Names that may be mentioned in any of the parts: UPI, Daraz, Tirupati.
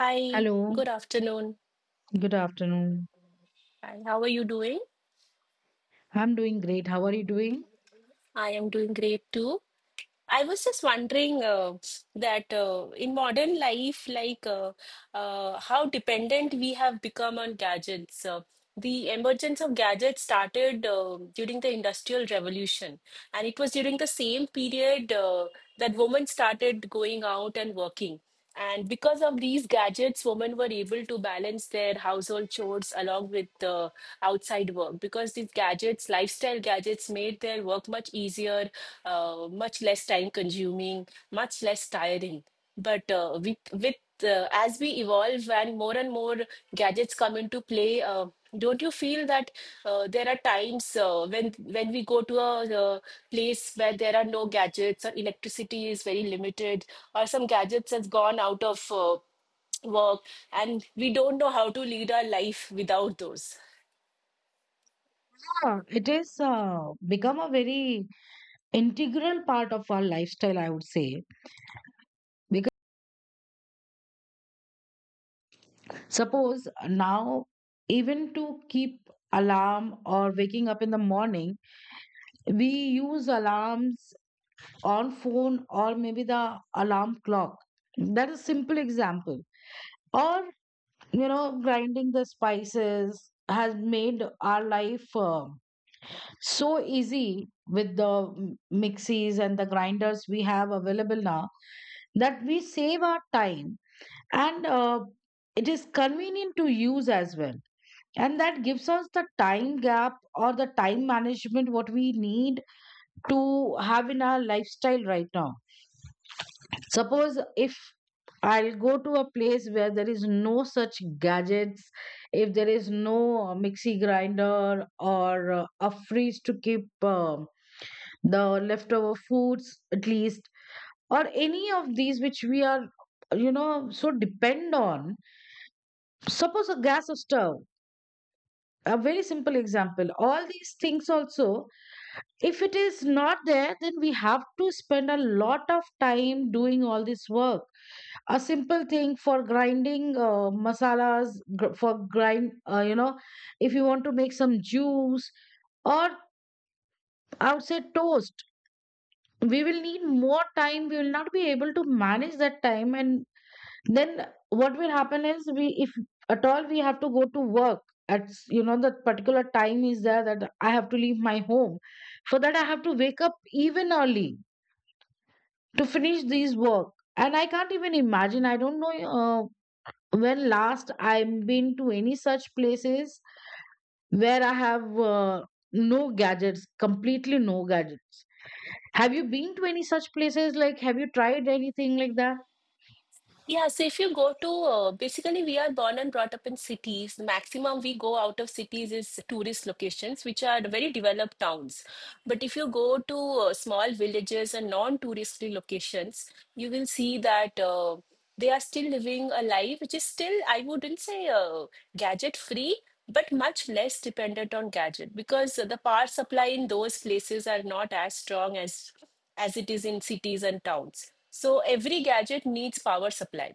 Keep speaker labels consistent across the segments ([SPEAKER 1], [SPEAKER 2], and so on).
[SPEAKER 1] Hi,
[SPEAKER 2] Hello,
[SPEAKER 1] good afternoon.
[SPEAKER 2] good afternoon.
[SPEAKER 1] Hi, how are you doing?
[SPEAKER 2] I'm doing great. How are you doing?
[SPEAKER 1] I am doing great too. I was just wondering that in modern life, like how dependent we have become on gadgets. The emergence of gadgets started during the Industrial Revolution, and it was during the same period that women started going out and working. And because of these gadgets, women were able to balance their household chores along with outside work because these gadgets, lifestyle gadgets, made their work much easier, much less time consuming, much less tiring. But with as we evolve and more gadgets come into play, don't you feel that there are times when we go to a place where there are no gadgets or electricity is very limited, or some gadgets has gone out of work, and we don't know how to lead our life without those.
[SPEAKER 2] Yeah, it is become a very integral part of our lifestyle, I would say. Because suppose now, even to keep alarm or waking up in the morning, we use alarms on phone or maybe the alarm clock. That is simple example. Or, you know, grinding the spices has made our life so easy with the mixies and the grinders we have available now that we save our time and it is convenient to use as well, and that gives us the time gap or the time management what we need to have in our lifestyle right now. Suppose if I'll go to a place where there is no such gadgets, if there is no mixie grinder or a fridge to keep the leftover foods at least, or any of these which we are, you know, so depend on. Suppose a gas stove, a very simple example, all these things also, if it is not there, then we have to spend a lot of time doing all this work. A simple thing for grinding masalas, gr- for grind you know, if you want to make some juice, or I would say toast, we will need more time. We will not be able to manage that time, and then what will happen is, we if at all we have to go to work, you know, that particular time is there, that I have to leave my home. For that I have to wake up even early to finish these work. And I can't even imagine. I don't know uh, when last I've been to any such places where I have no gadgets, completely no gadgets. Have you been to any such places? Like, have you tried anything like that?
[SPEAKER 1] Yeah, so if you go to basically, we are born and brought up in cities. The maximum we go out of cities is tourist locations, which are very developed towns. But if you go to small villages and non-touristy locations, you will see that they are still living a life which is still, I wouldn't say gadget-free, but much less dependent on gadget because the power supply in those places are not as strong as it is in cities and towns. So every gadget needs power supply.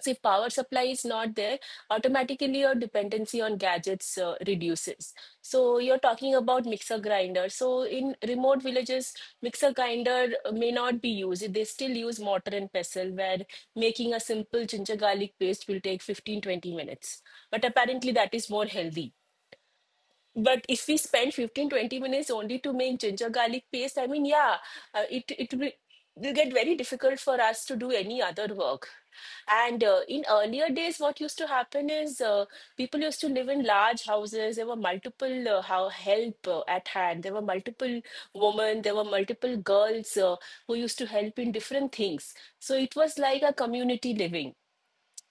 [SPEAKER 1] So if power supply is not there, automatically your dependency on gadgets reduces. So you're talking about mixer grinder. So in remote villages, mixer grinder may not be used. They still use mortar and pestle, where making a simple ginger garlic paste will take 15-20 minutes. But apparently that is more healthy. But if we spend 15-20 minutes only to make ginger garlic paste, I mean, yeah, it will get very difficult for us to do any other work. And in earlier days, what used to happen is people used to live in large houses. There were multiple how help at hand. There were multiple women, there were multiple girls who used to help in different things. So it was like a community living,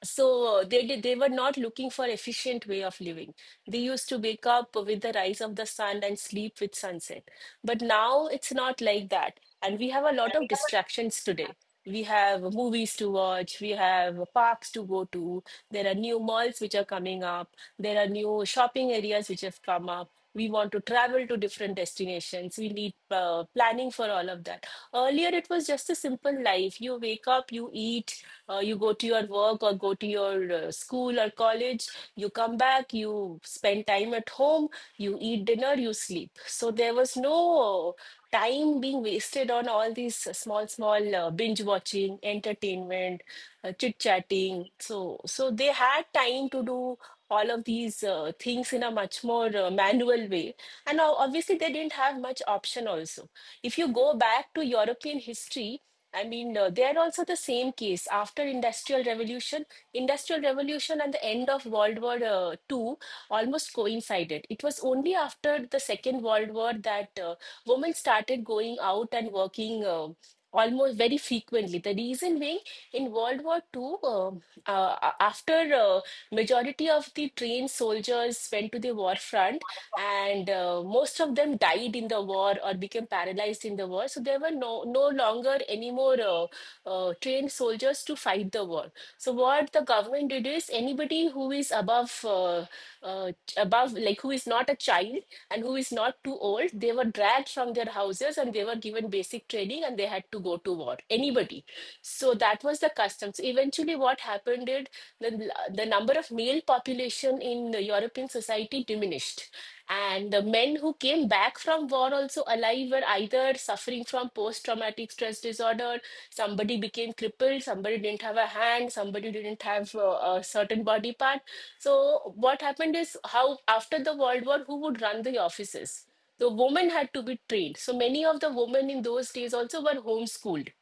[SPEAKER 1] so they were not looking for efficient way of living. They used to wake up with the rise of the sun and sleep with sunset, but now it's not like that, and we have a lot of distractions today. We have movies to watch, we have parks to go to, there are new malls which are coming up, there are new shopping areas which have come up. We want to travel to different destinations, we need planning for all of that. Earlier it was just a simple life. You wake up, you eat, you go to your work or go to your school or college, you come back, you spend time at home, you eat dinner, you sleep. So there was no uh, time being wasted on all these small, small binge watching, entertainment, chit chatting. So they had time to do all of these things in a much more manual way. And now, obviously, they didn't have much option also. If you go back to European history, I mean, they are also the same case. After Industrial Revolution, and the end of World War II almost coincided. It was only after the Second World War that women started going out and working almost very frequently. The reason being, in World War II, after majority of the trained soldiers went to the war front, and most of them died in the war or became paralyzed in the war. So there were no longer any more trained soldiers to fight the war. So what the government did is anybody who is above uh, above, like, who is not a child and who is not too old, they were dragged from their houses and they were given basic training and they had to go to war. Anybody. So that was the custom. So eventually, what happened is the number of male population in the European society diminished. And the men who came back from war also alive were either suffering from post-traumatic stress disorder, somebody became crippled, somebody didn't have a hand, somebody didn't have a certain body part. So what happened is how after the World War, who would run the offices? The women had to be trained. So many of the women in those days also were homeschooled,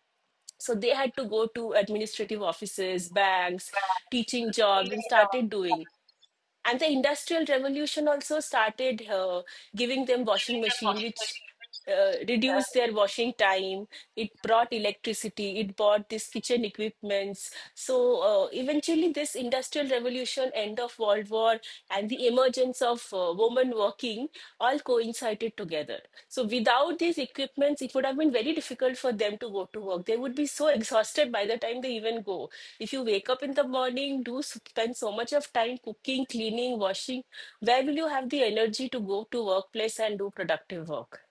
[SPEAKER 1] so they had to go to administrative offices, banks, teaching jobs, and started doing. And the industrial revolution also started giving them washing machine, which reduced their washing time. It brought electricity. It brought this kitchen equipments. So eventually, this industrial revolution, end of World War, and the emergence of woman workers working all coincided together. So without these equipments, it would have been very difficult for them to go to work. They would be so exhausted by the time they even go. If you wake up in the morning, do spend so much of time cooking, cleaning, washing, where will you have the energy to go to workplace and do productive work?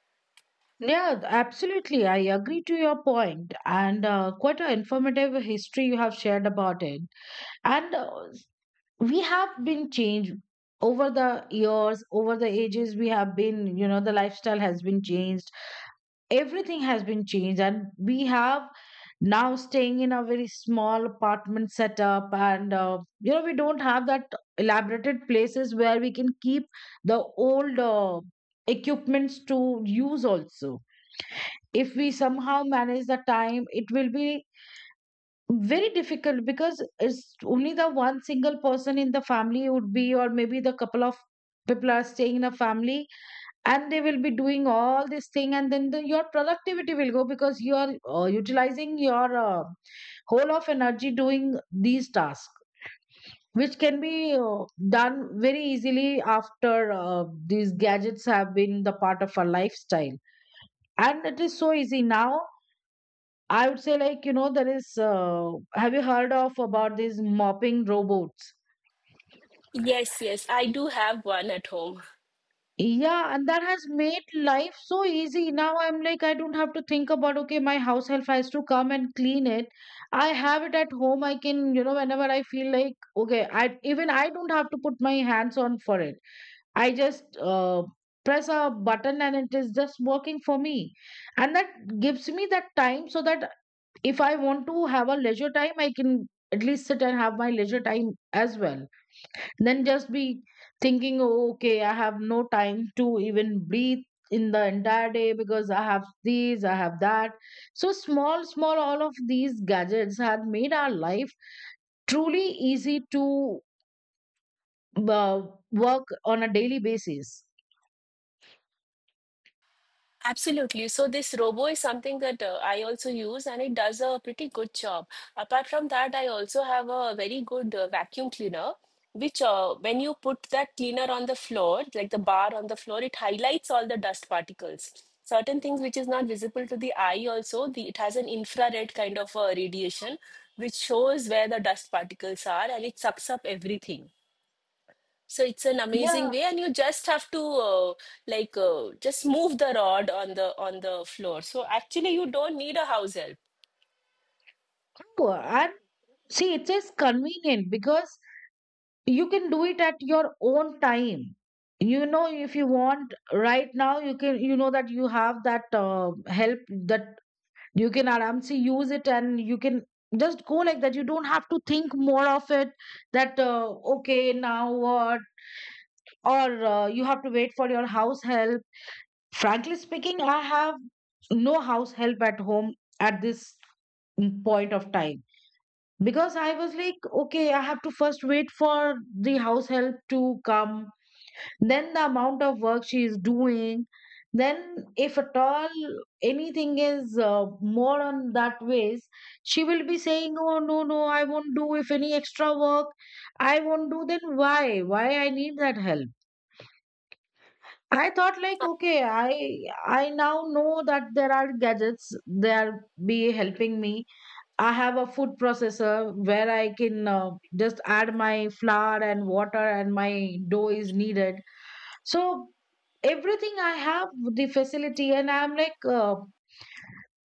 [SPEAKER 2] Yeah, absolutely. I agree to your point, and quite an informative history you have shared about it. And We have been changed over the years, over the ages. We have been, you know, the lifestyle has been changed. Everything has been changed, and we have now staying in a very small apartment setup, and you know, we don't have that elaborated places where we can keep the old equipments to use also. If we somehow manage the time, it will be very difficult, because it's only the one single person in the family would be, or maybe the couple of people are staying in a family, and they will be doing all this thing, and then your productivity will go, because you are utilizing your whole of energy doing these tasks, which can be done very easily after these gadgets have been the part of our lifestyle. And it is so easy now, I would say. Like, you know, there is have you heard of about these mopping robots?
[SPEAKER 1] Yes, yes, I do have one at home.
[SPEAKER 2] Yeah, and that has made life so easy. Now I'm like, I don't have to think about, okay, my house help has to come and clean it. I have it at home. I can, you know, whenever I feel like, okay, I even I don't have to put my hands on for it. I just press a button and it is just working for me. And that gives me that time, so that if I want to have a leisure time, I can at least sit and have my leisure time as well, then just be thinking, oh, okay, I have no time to even breathe in the entire day because I have these, I have that. So small small, all of these gadgets have made our life truly easy to uh, work on a daily basis.
[SPEAKER 1] Absolutely. So this robo is something that I also use and it does a pretty good job. Apart from that, I also have a very good vacuum cleaner, which when you put that cleaner on the floor, like the bar on the floor, it highlights all the dust particles. Certain things which is not visible to the eye also, it has an infrared kind of radiation which shows where the dust particles are and it sucks up everything. So it's an amazing
[SPEAKER 2] Yeah.
[SPEAKER 1] way, and you just have to just move the rod on the floor. So actually, you don't need a house help.
[SPEAKER 2] Oh, and see, it is convenient because you can do it at your own time. You know, if you want right now you can, you know, that you have that help, that you can aramsi use it, and you can just go like that. You don't have to think more of it, that okay now what, or you have to wait for your house help. Frankly speaking, I have no house help at home at this point of time. Because I was like, okay, I have to first wait for the house help to come, then the amount of work she is doing, then if at all anything is more on that ways, she will be saying, oh no no, I won't do if any extra work, I won't do. Then why I need that help? I thought like, okay, I now know that there are gadgets, they are be helping me. I have a food processor where I can just add my flour and water, and my dough is needed. So everything I have the facility, and I'm like,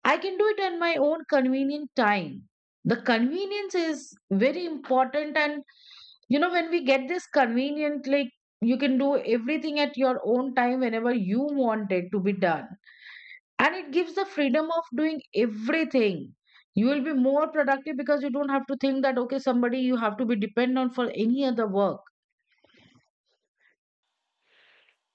[SPEAKER 2] I can do it at my own convenient time. The convenience is very important, and you know, when we get this convenient, like, you can do everything at your own time whenever you want it to be done, and it gives the freedom of doing everything. You will be more productive because you don't have to think that, okay, somebody you have to be dependent on for any other work.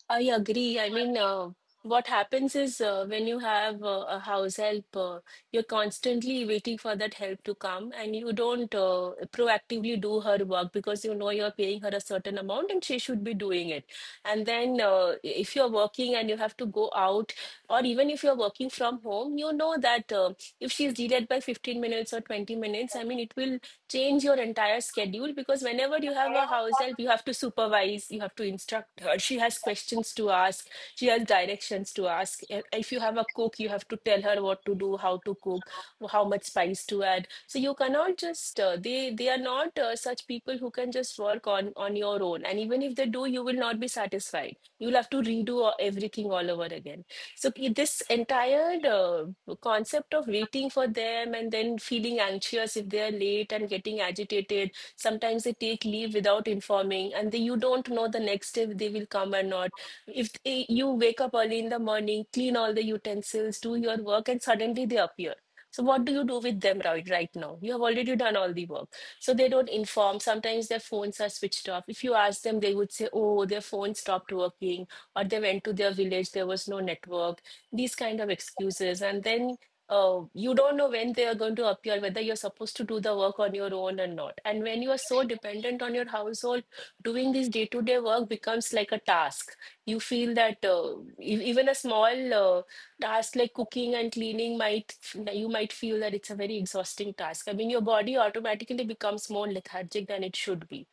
[SPEAKER 1] I agree. I mean, what happens is when you have a house help, you're constantly waiting for that help to come, and you don't proactively do her work because you know you're paying her a certain amount and she should be doing it. And then, if you're working and you have to go out, or even if you're working from home, you know that if she's delayed by 15 minutes or 20 minutes, I mean, it will change your entire schedule because whenever you have a house help, you have to supervise, you have to instruct her. She has questions to ask, she has directions to ask. If you have a cook, you have to tell her what to do, how to cook, how much spice to add. So you cannot just they are not such people who can just work on your own. And even if they do, you will not be satisfied. You'll have to redo everything all over again. So this entire concept of waiting for them and then feeling anxious if they are late and getting agitated. Sometimes they take leave without informing, and you don't know the next day if they will come or not. If they, You wake up early in the morning, clean all the utensils, do your work, and suddenly they appear. So what do you do with them right now? You have already done all the work. So they don't inform. Sometimes their phones are switched off. If you ask them, they would say, "Oh, their phone stopped working," or they went to their village, there was no network, these kind of excuses. And then you don't know when they are going to appear, whether you're supposed to do the work on your own or not. And when you are so dependent on your household, doing this day to day work becomes like a task. You feel that even a small task like cooking and cleaning might, you might feel that it's a very exhausting task. I mean, your body automatically becomes more lethargic than it should be.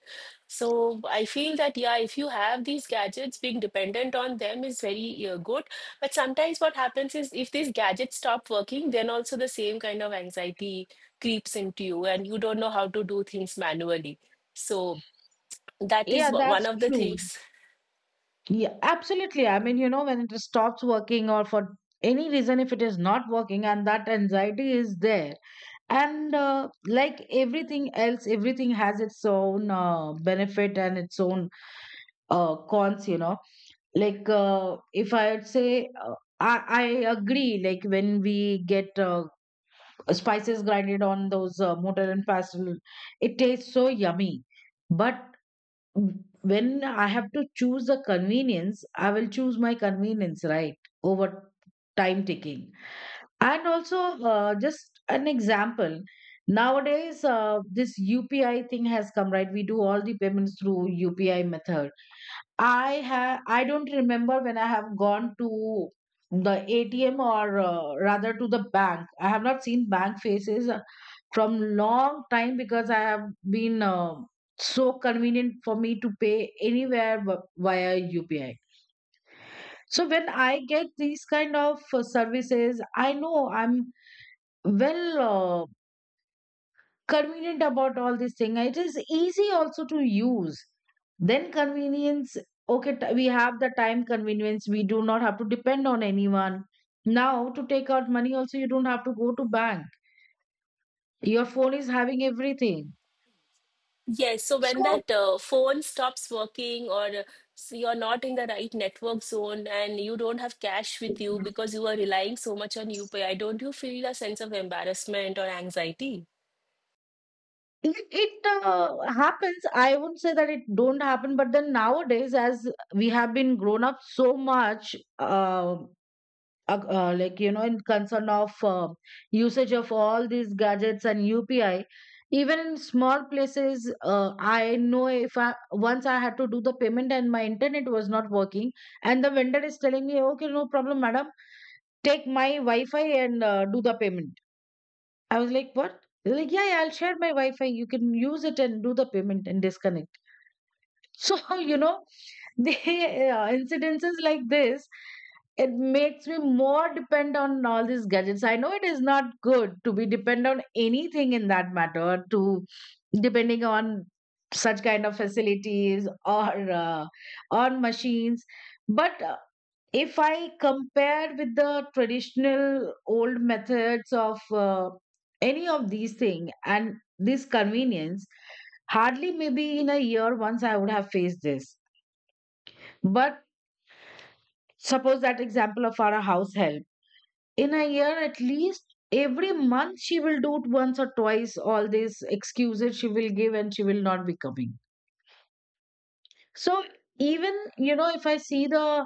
[SPEAKER 1] So I feel that yeah, if you have these gadgets, being dependent on them is very good. But sometimes what happens is if these gadgets stop working, then also the same kind of anxiety creeps into you, and you don't know how to do things manually. So that is
[SPEAKER 2] Yeah,
[SPEAKER 1] one
[SPEAKER 2] that's
[SPEAKER 1] of the
[SPEAKER 2] true.
[SPEAKER 1] things.
[SPEAKER 2] Yeah, absolutely, I mean, you know, when it stops working, or for any reason if it is not working, and that anxiety is there. And like everything else, everything has its own benefit and its own cons, you know. Like, if I would say uh, I, I agree. Like, when we get spices grinded on those mortar and pestle, it tastes so yummy. But when I have to choose a convenience, I will choose my convenience, right, over time taking. And also, just an example. Nowadays, this UPI thing has come, right? We do all the payments through UPI method. I have I don't remember when I have gone to the ATM or rather to the bank. I have not seen bank faces from long time, because I have been so convenient for me to pay anywhere via UPI. So when I get these kind of services, I know I'm well. uh, convenient about all this thing. It is easy also to use. Then convenience, okay, we have the time convenience. We do not have to depend on anyone. Now to take out money also, you don't have to go to bank. Your phone is having everything.
[SPEAKER 1] Yes, so when
[SPEAKER 2] So
[SPEAKER 1] that phone stops working or so you're not in the right network zone and you don't have cash with
[SPEAKER 2] it,
[SPEAKER 1] you because you are relying so much on UPI, don't you feel a sense of embarrassment or anxiety?
[SPEAKER 2] it happens. I wouldn't say that it don't happen, but then nowadays, as we have been grown up so much, like, you know, in concern of usage of all these gadgets and UPI, even in small places I know, if I, once I had to do the payment and my internet was not working, and the vendor is telling me, okay, no problem madam, take my Wi-Fi and do the payment. I was like what? They're like, yeah, yeah, I'll share my Wi-Fi, you can use it and do the payment and disconnect. So, you know, the incidences like this, it makes me more depend on all these gadgets. I know it is not good to be depend on anything in that matter, to depending on such kind of facilities or on machines. But if I compare with the traditional old methods of uh, any of these things, and this convenience, hardly maybe in a year once I would have faced this. But suppose that example of our house help, in a year at least every month she will do it once or twice, all these excuses she will give, and she will not be coming. So even, you know, if I see the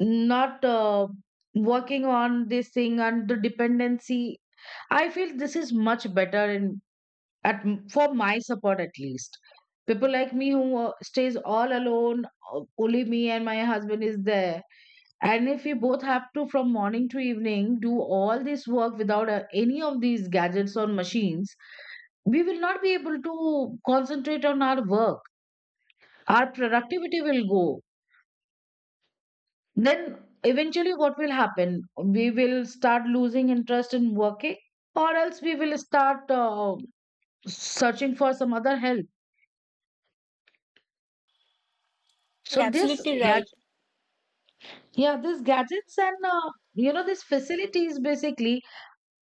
[SPEAKER 2] not working on this thing and the dependency, I feel this is much better in at for my support at least. People like me who stays all alone, only me and my husband is there. And if we both have to from morning to evening do all this work without any of these gadgets or machines, we will not be able to concentrate on our work. Our productivity will go. Then eventually, what will happen? We will start losing interest in working, or else we will start searching for some other help.
[SPEAKER 1] You're
[SPEAKER 2] So this
[SPEAKER 1] absolutely right.
[SPEAKER 2] gadget, yeah, these gadgets and you know, these facilities basically,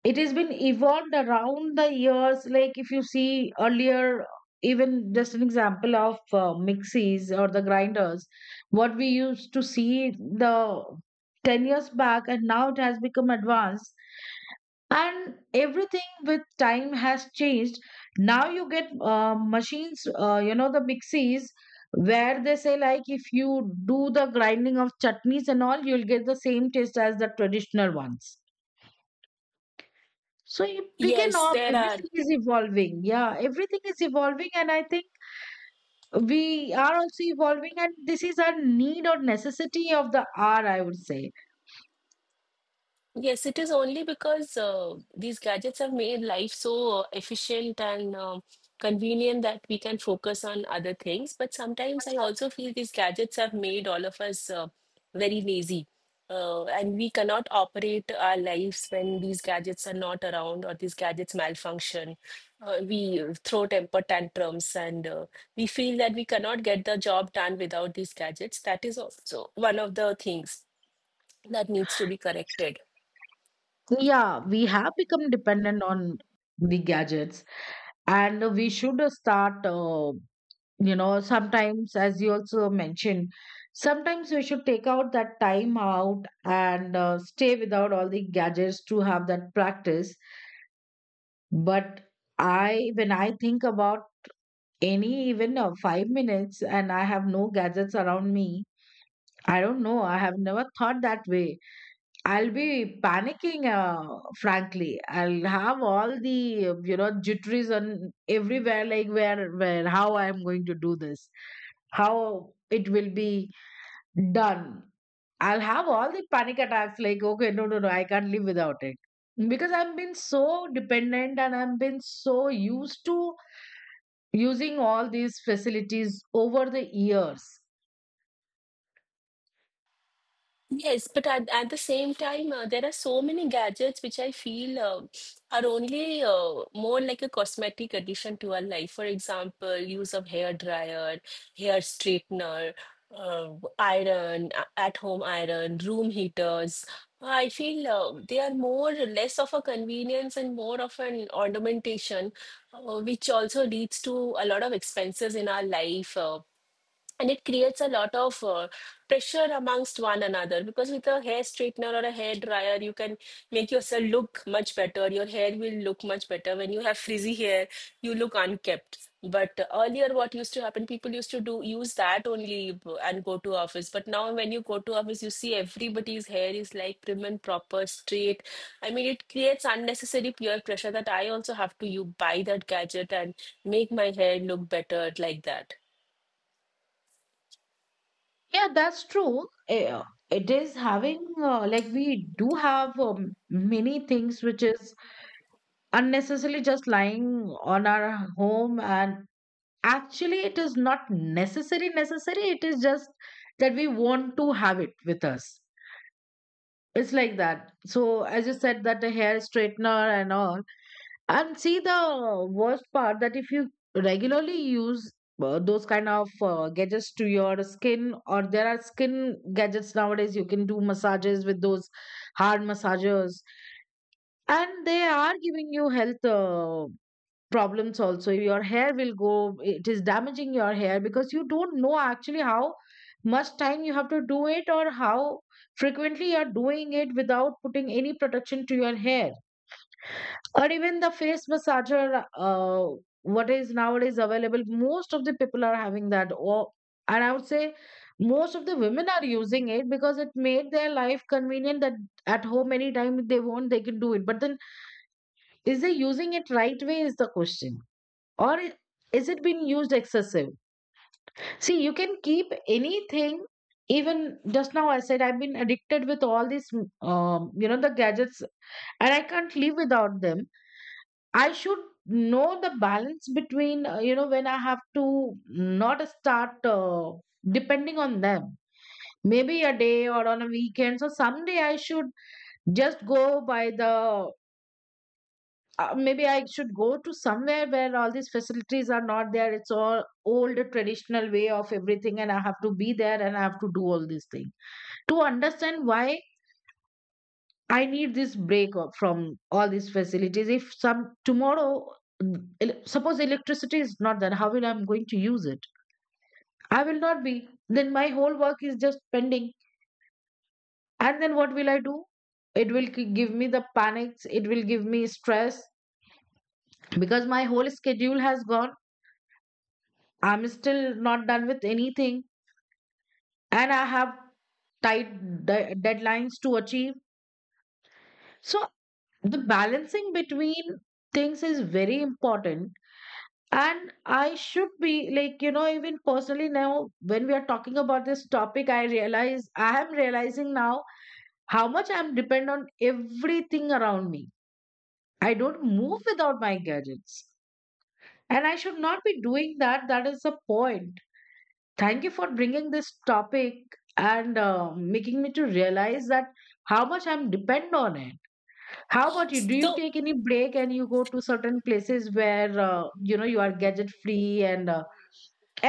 [SPEAKER 2] it has been evolved around the years. Like, if you see earlier, even just an example of mixies or the grinders, what we used to see the 10 years back, and now it has become advanced. And everything with time has changed. Now you get machines, the mixies where they say, like, if you do the grinding of chutneys and all, you'll get the same taste as the traditional ones. So picking
[SPEAKER 1] Yes,
[SPEAKER 2] up,
[SPEAKER 1] there are.
[SPEAKER 2] everything is evolving. Yeah, everything is evolving, and I think we are also evolving, and this is our need or necessity of the hour, I would say.
[SPEAKER 1] Yes, it is only because these gadgets have made life so efficient and convenient that we can focus on other things. But sometimes I also feel these gadgets have made all of us very lazy. And we cannot operate our lives when these gadgets are not around or these gadgets malfunction. We throw temper tantrums and we feel that we cannot get the job done without these gadgets. That is also one of the things that needs to be corrected.
[SPEAKER 2] Yeah, we have become dependent on the gadgets, and we should start, you know, sometimes, as you also mentioned, sometimes we should take out that time out and stay without all the gadgets to have that practice. But I when I think about any, even 5 minutes, and I have no gadgets around me, I don't know, I have never thought that way. I'll be panicking, frankly. I'll have all the, jitteries on everywhere, like, how I'm going to do this, how it will be done. I'll have all the panic attacks, like, okay, no, no, no, I can't live without it. Because I've been so dependent, and I've been so used to using all these facilities over the years.
[SPEAKER 1] Yes, but at the same time, there are so many gadgets which I feel are only more like a cosmetic addition to our life. For example, use of hair dryer, hair straightener, iron, at home iron, room heaters. I feel they are more less of a convenience and more of an ornamentation, which also leads to a lot of expenses in our life. And it creates a lot of pressure amongst one another, because with a hair straightener or a hair dryer you can make yourself look much better. Your hair will look much better. When you have frizzy hair, you look unkept, but earlier what used to happen, people used to do use that only and go to office. But now when you go to office, you see everybody's hair is like prim and proper straight. I mean, it creates unnecessary peer pressure that I also have to you buy that gadget and make my hair look better like that,
[SPEAKER 2] Yeah, that's true. It is having, like we do have, many things which is unnecessarily just lying on our home, and actually it is not necessary. It is just that we want to have it with us. It's like that. So as you said, that the hair straightener and all, and see the worst part, that if you regularly use those kind of gadgets to your skin, or there are skin gadgets nowadays, you can do massages with those hard massagers, and they are giving you health problems also. Your hair will go, it is damaging your hair, because you don't know actually how much time you have to do it, or how frequently you are doing it without putting any protection to your hair, or even the face massager. What is nowadays available, most of the people are having that. Or, and I would say, most of the women are using it because it made their life convenient, that at home anytime they want they can do it. But then, is they using it right way is the question, or i- is it being used excessive. See, you can keep anything, even just now I said I've been addicted with all these, the gadgets, and I can't live without them. I should know the balance between, when I have to not start depending on them. Maybe a day or on a weekend. So someday I should just go by the. Maybe I should go to somewhere where all these facilities are not there. It's all old traditional way of everything, and I have to be there, and I have to do all these things to understand why I need this break from all these facilities. If some tomorrow, mm, suppose electricity is not there, how will I'm going to use it? I will not be. Then my whole work is just pending. And then what will I do? It will give me the panics. It will give me stress because my whole schedule has gone. I'm still not done with anything, and I have tight deadlines to achieve. So the balancing between things is very important. And I should be like, you know, even personally now, when we are talking about this topic, I am realizing now how much I'm dependent on everything around me. I don't move without my gadgets. And I should not be doing that. That is the point. Thank you for bringing this topic and making me to realize that how much I'm dependent on it. How about you? Do you
[SPEAKER 1] so…
[SPEAKER 2] take any break and you go to certain places where, you are gadget free and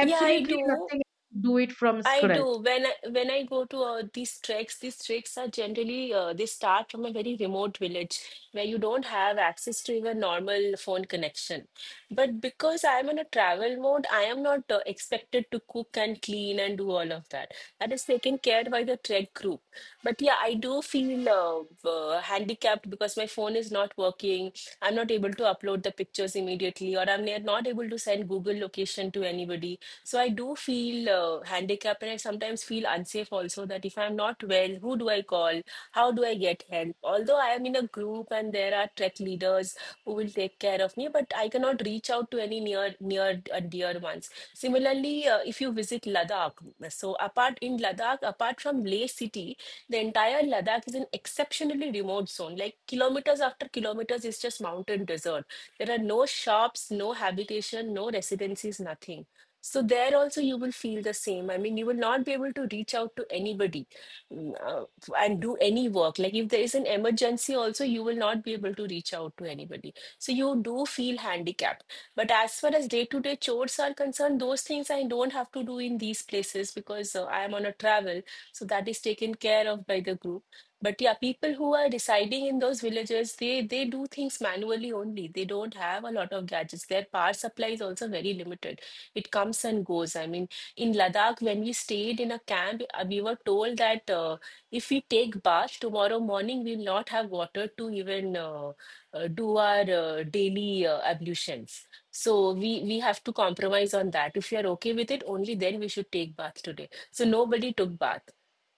[SPEAKER 1] Yeah, I do.
[SPEAKER 2] nothing. Do it from
[SPEAKER 1] I
[SPEAKER 2] scratch.
[SPEAKER 1] do. When I go to these treks are generally they start from a very remote village where you don't have access to even normal phone connection. But because I'm in a travel mode, I am not expected to cook and clean and do all of that. That is taken care by the trek group. But yeah, I do feel handicapped because my phone is not working. I'm not able to upload the pictures immediately, or I'm not able to send Google location to anybody, so I do feel handicapped, and I sometimes feel unsafe also that if I'm not well, who do I call? How do I get help? Although I am in a group and there are trek leaders who will take care of me, but I cannot reach out to any near and dear ones. Similarly, if you visit Ladakh, so apart in Ladakh, apart from Leh city, the entire Ladakh is an exceptionally remote zone. Like kilometers after kilometers, it's just mountain desert. There are no shops, no habitation, no residencies, nothing. So there also you will feel the same. I mean, you will not be able to reach out to anybody, mm, uh, and do any work. Like if there is an emergency also, you will not be able to reach out to anybody. So you do feel handicapped. But as far as day-to-day chores are concerned, those things I don't have to do in these places because I am on a travel. So that is taken care of by the group. But yeah, people who are residing in those villages, they do things manually only. They don't have a lot of gadgets. Their power supply is also very limited. It comes and goes. I mean, in Ladakh, when we stayed in a camp, we were told that if we take bath tomorrow morning, we'll not have water to even do our daily ablutions. So we have to compromise on that. If you are okay with it, only then we should take bath today. So nobody took bath.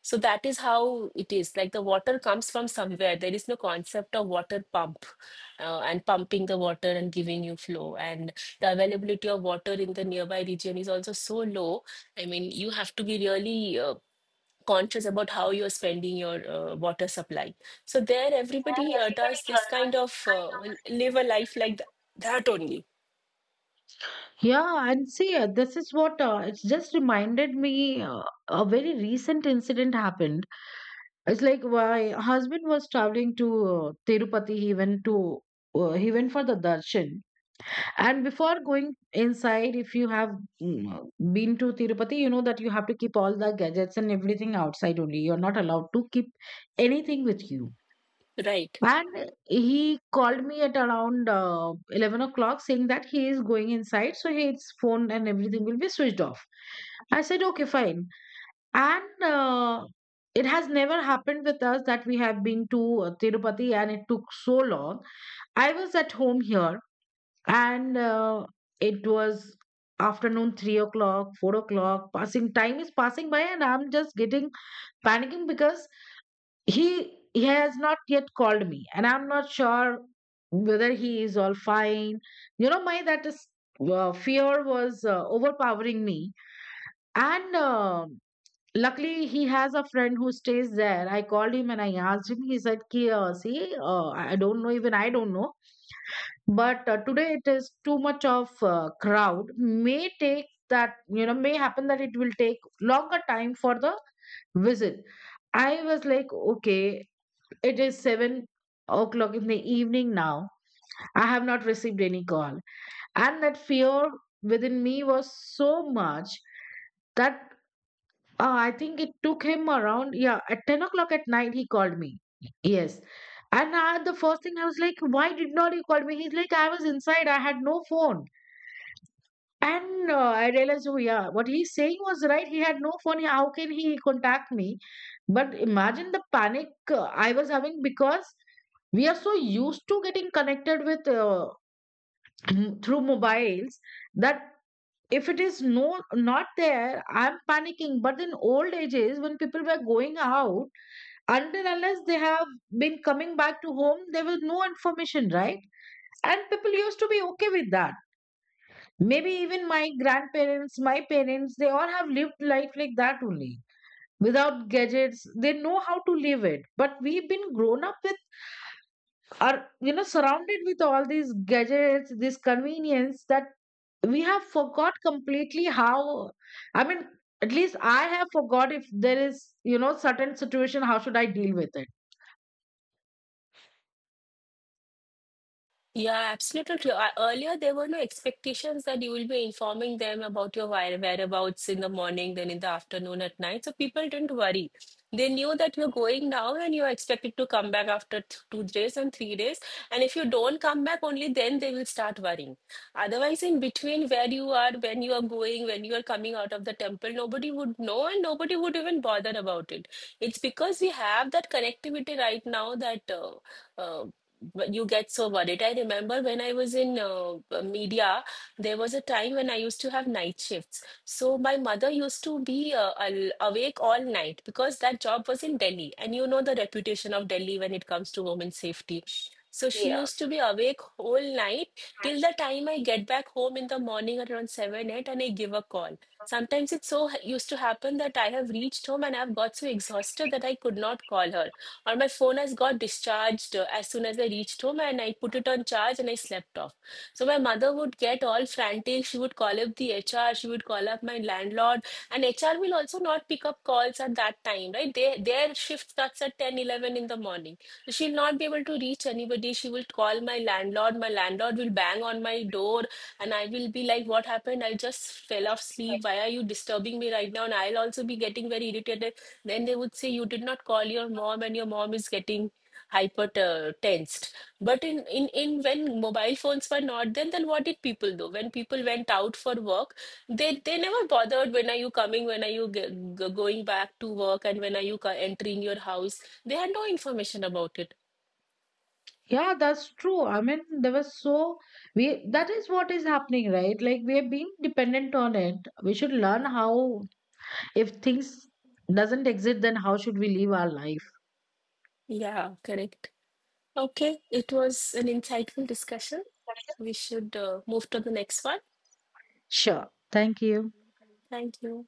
[SPEAKER 1] So that is how it is. Like the water comes from somewhere. There is no concept of water pump, and pumping the water and giving you flow. And the availability of water in the nearby region is also so low. I mean, you have to be really conscious about how you're spending your water supply. So there, everybody does this kind of live a life like that only,
[SPEAKER 2] Yeah, and see, this is what, it's just reminded me a very recent incident happened. It's like my husband was traveling to Tirupati. He went to he went for the darshan. And before going inside, if you have, mm, been to Tirupati, you know that you have to keep all the gadgets and everything outside only. You're not allowed to keep anything with you.
[SPEAKER 1] right?
[SPEAKER 2] And he called me at around 11 o'clock, saying that he is going inside, so his phone and everything will be switched off. I said, okay, fine. And it has never happened with us that we have been to Tirupati and it took so long. I was at home here, and it was afternoon, 3 o'clock, 4 o'clock, passing, time is passing by, and I'm just getting panicking because he has not yet called me, and I'm not sure whether he is all fine. You know, my, that is, fear was overpowering me. And Luckily, he has a friend who stays there. I called him and I asked him. He said, ki, see, I don't know, even I don't know, but today it is too much of crowd. May take, that, you know, may happen that it will take longer time for the visit. I was like, okay, it is 7 o'clock in the evening now. I have not received any call. And that fear within me was so much that I think it took him around, yeah, at 10 o'clock at night, he called me. Yes. And the first thing I was like, why did not you call me? He's like, I was inside, I had no phone. And I realized, oh yeah, what he's saying was right. He had no phone. How can he contact me? But imagine the panic I was having, because we are so used to getting connected with through mobiles, that if it is not there, I'm panicking. But in old ages, when people were going out, until unless they have been coming back to home, there was no information, right? And people used to be okay with that. Maybe even my grandparents, my parents, they all have lived life like that only. Without gadgets, they know how to live it. But we've been grown up with, are, you know, surrounded with all these gadgets, this convenience, that we have forgot completely how, I mean, at least I have forgot, if there is, you know, certain situation, how should I deal with it.
[SPEAKER 1] Yeah, absolutely true. Earlier, there were no expectations that you will be informing them about your whereabouts in the morning, then in the afternoon, at night. So people didn't worry. They knew that you're going now and you're expected to come back after 2 days and 3 days. And if you don't come back, only then they will start worrying. Otherwise, in between where you are, when you are going, when you are coming out of the temple, nobody would know and nobody would even bother about it. It's because we have that connectivity right now that. Uh, but you get so worried. I remember when I was in media, there was a time when I used to have night shifts. So my mother used to be awake all night because that job was in Delhi. And you know the reputation of Delhi when it comes to women's safety. So she used to be awake whole night till the time I get back home in the morning around 7, 8, and I give a call. Sometimes it so used to happen that I have reached home and I've got so exhausted that I could not call her, or my phone has got discharged as soon as I reached home and I put it on charge and I slept off. So my mother would get all frantic. She would call up the HR, she would call up my landlord, and HR will also not pick up calls at that time, right? They, their shift starts at 10, 11 in the morning. So she'll not be able to reach anybody. She will call my landlord. My landlord will bang on my door and I will be like, "What happened? I just fell off sleep. Why are you disturbing me right now?" And I'll also be getting very irritated. Then they would say you did not call your mom and your mom is getting hyper tensed. But in, when mobile phones were not then, then what did people do? When people went out for work, they never bothered when are you coming, when are you g g going back to work, and when are you entering your house. They had no information about it.
[SPEAKER 2] Yeah, that's true. I mean, there was so, we that is what is happening, right, like we are being dependent on it. We should learn how, if things doesn't exist, then how should we live our life.
[SPEAKER 1] Yeah, correct. Okay, it was an insightful discussion. We should move to the next one.
[SPEAKER 2] Sure, thank you.
[SPEAKER 1] Thank you.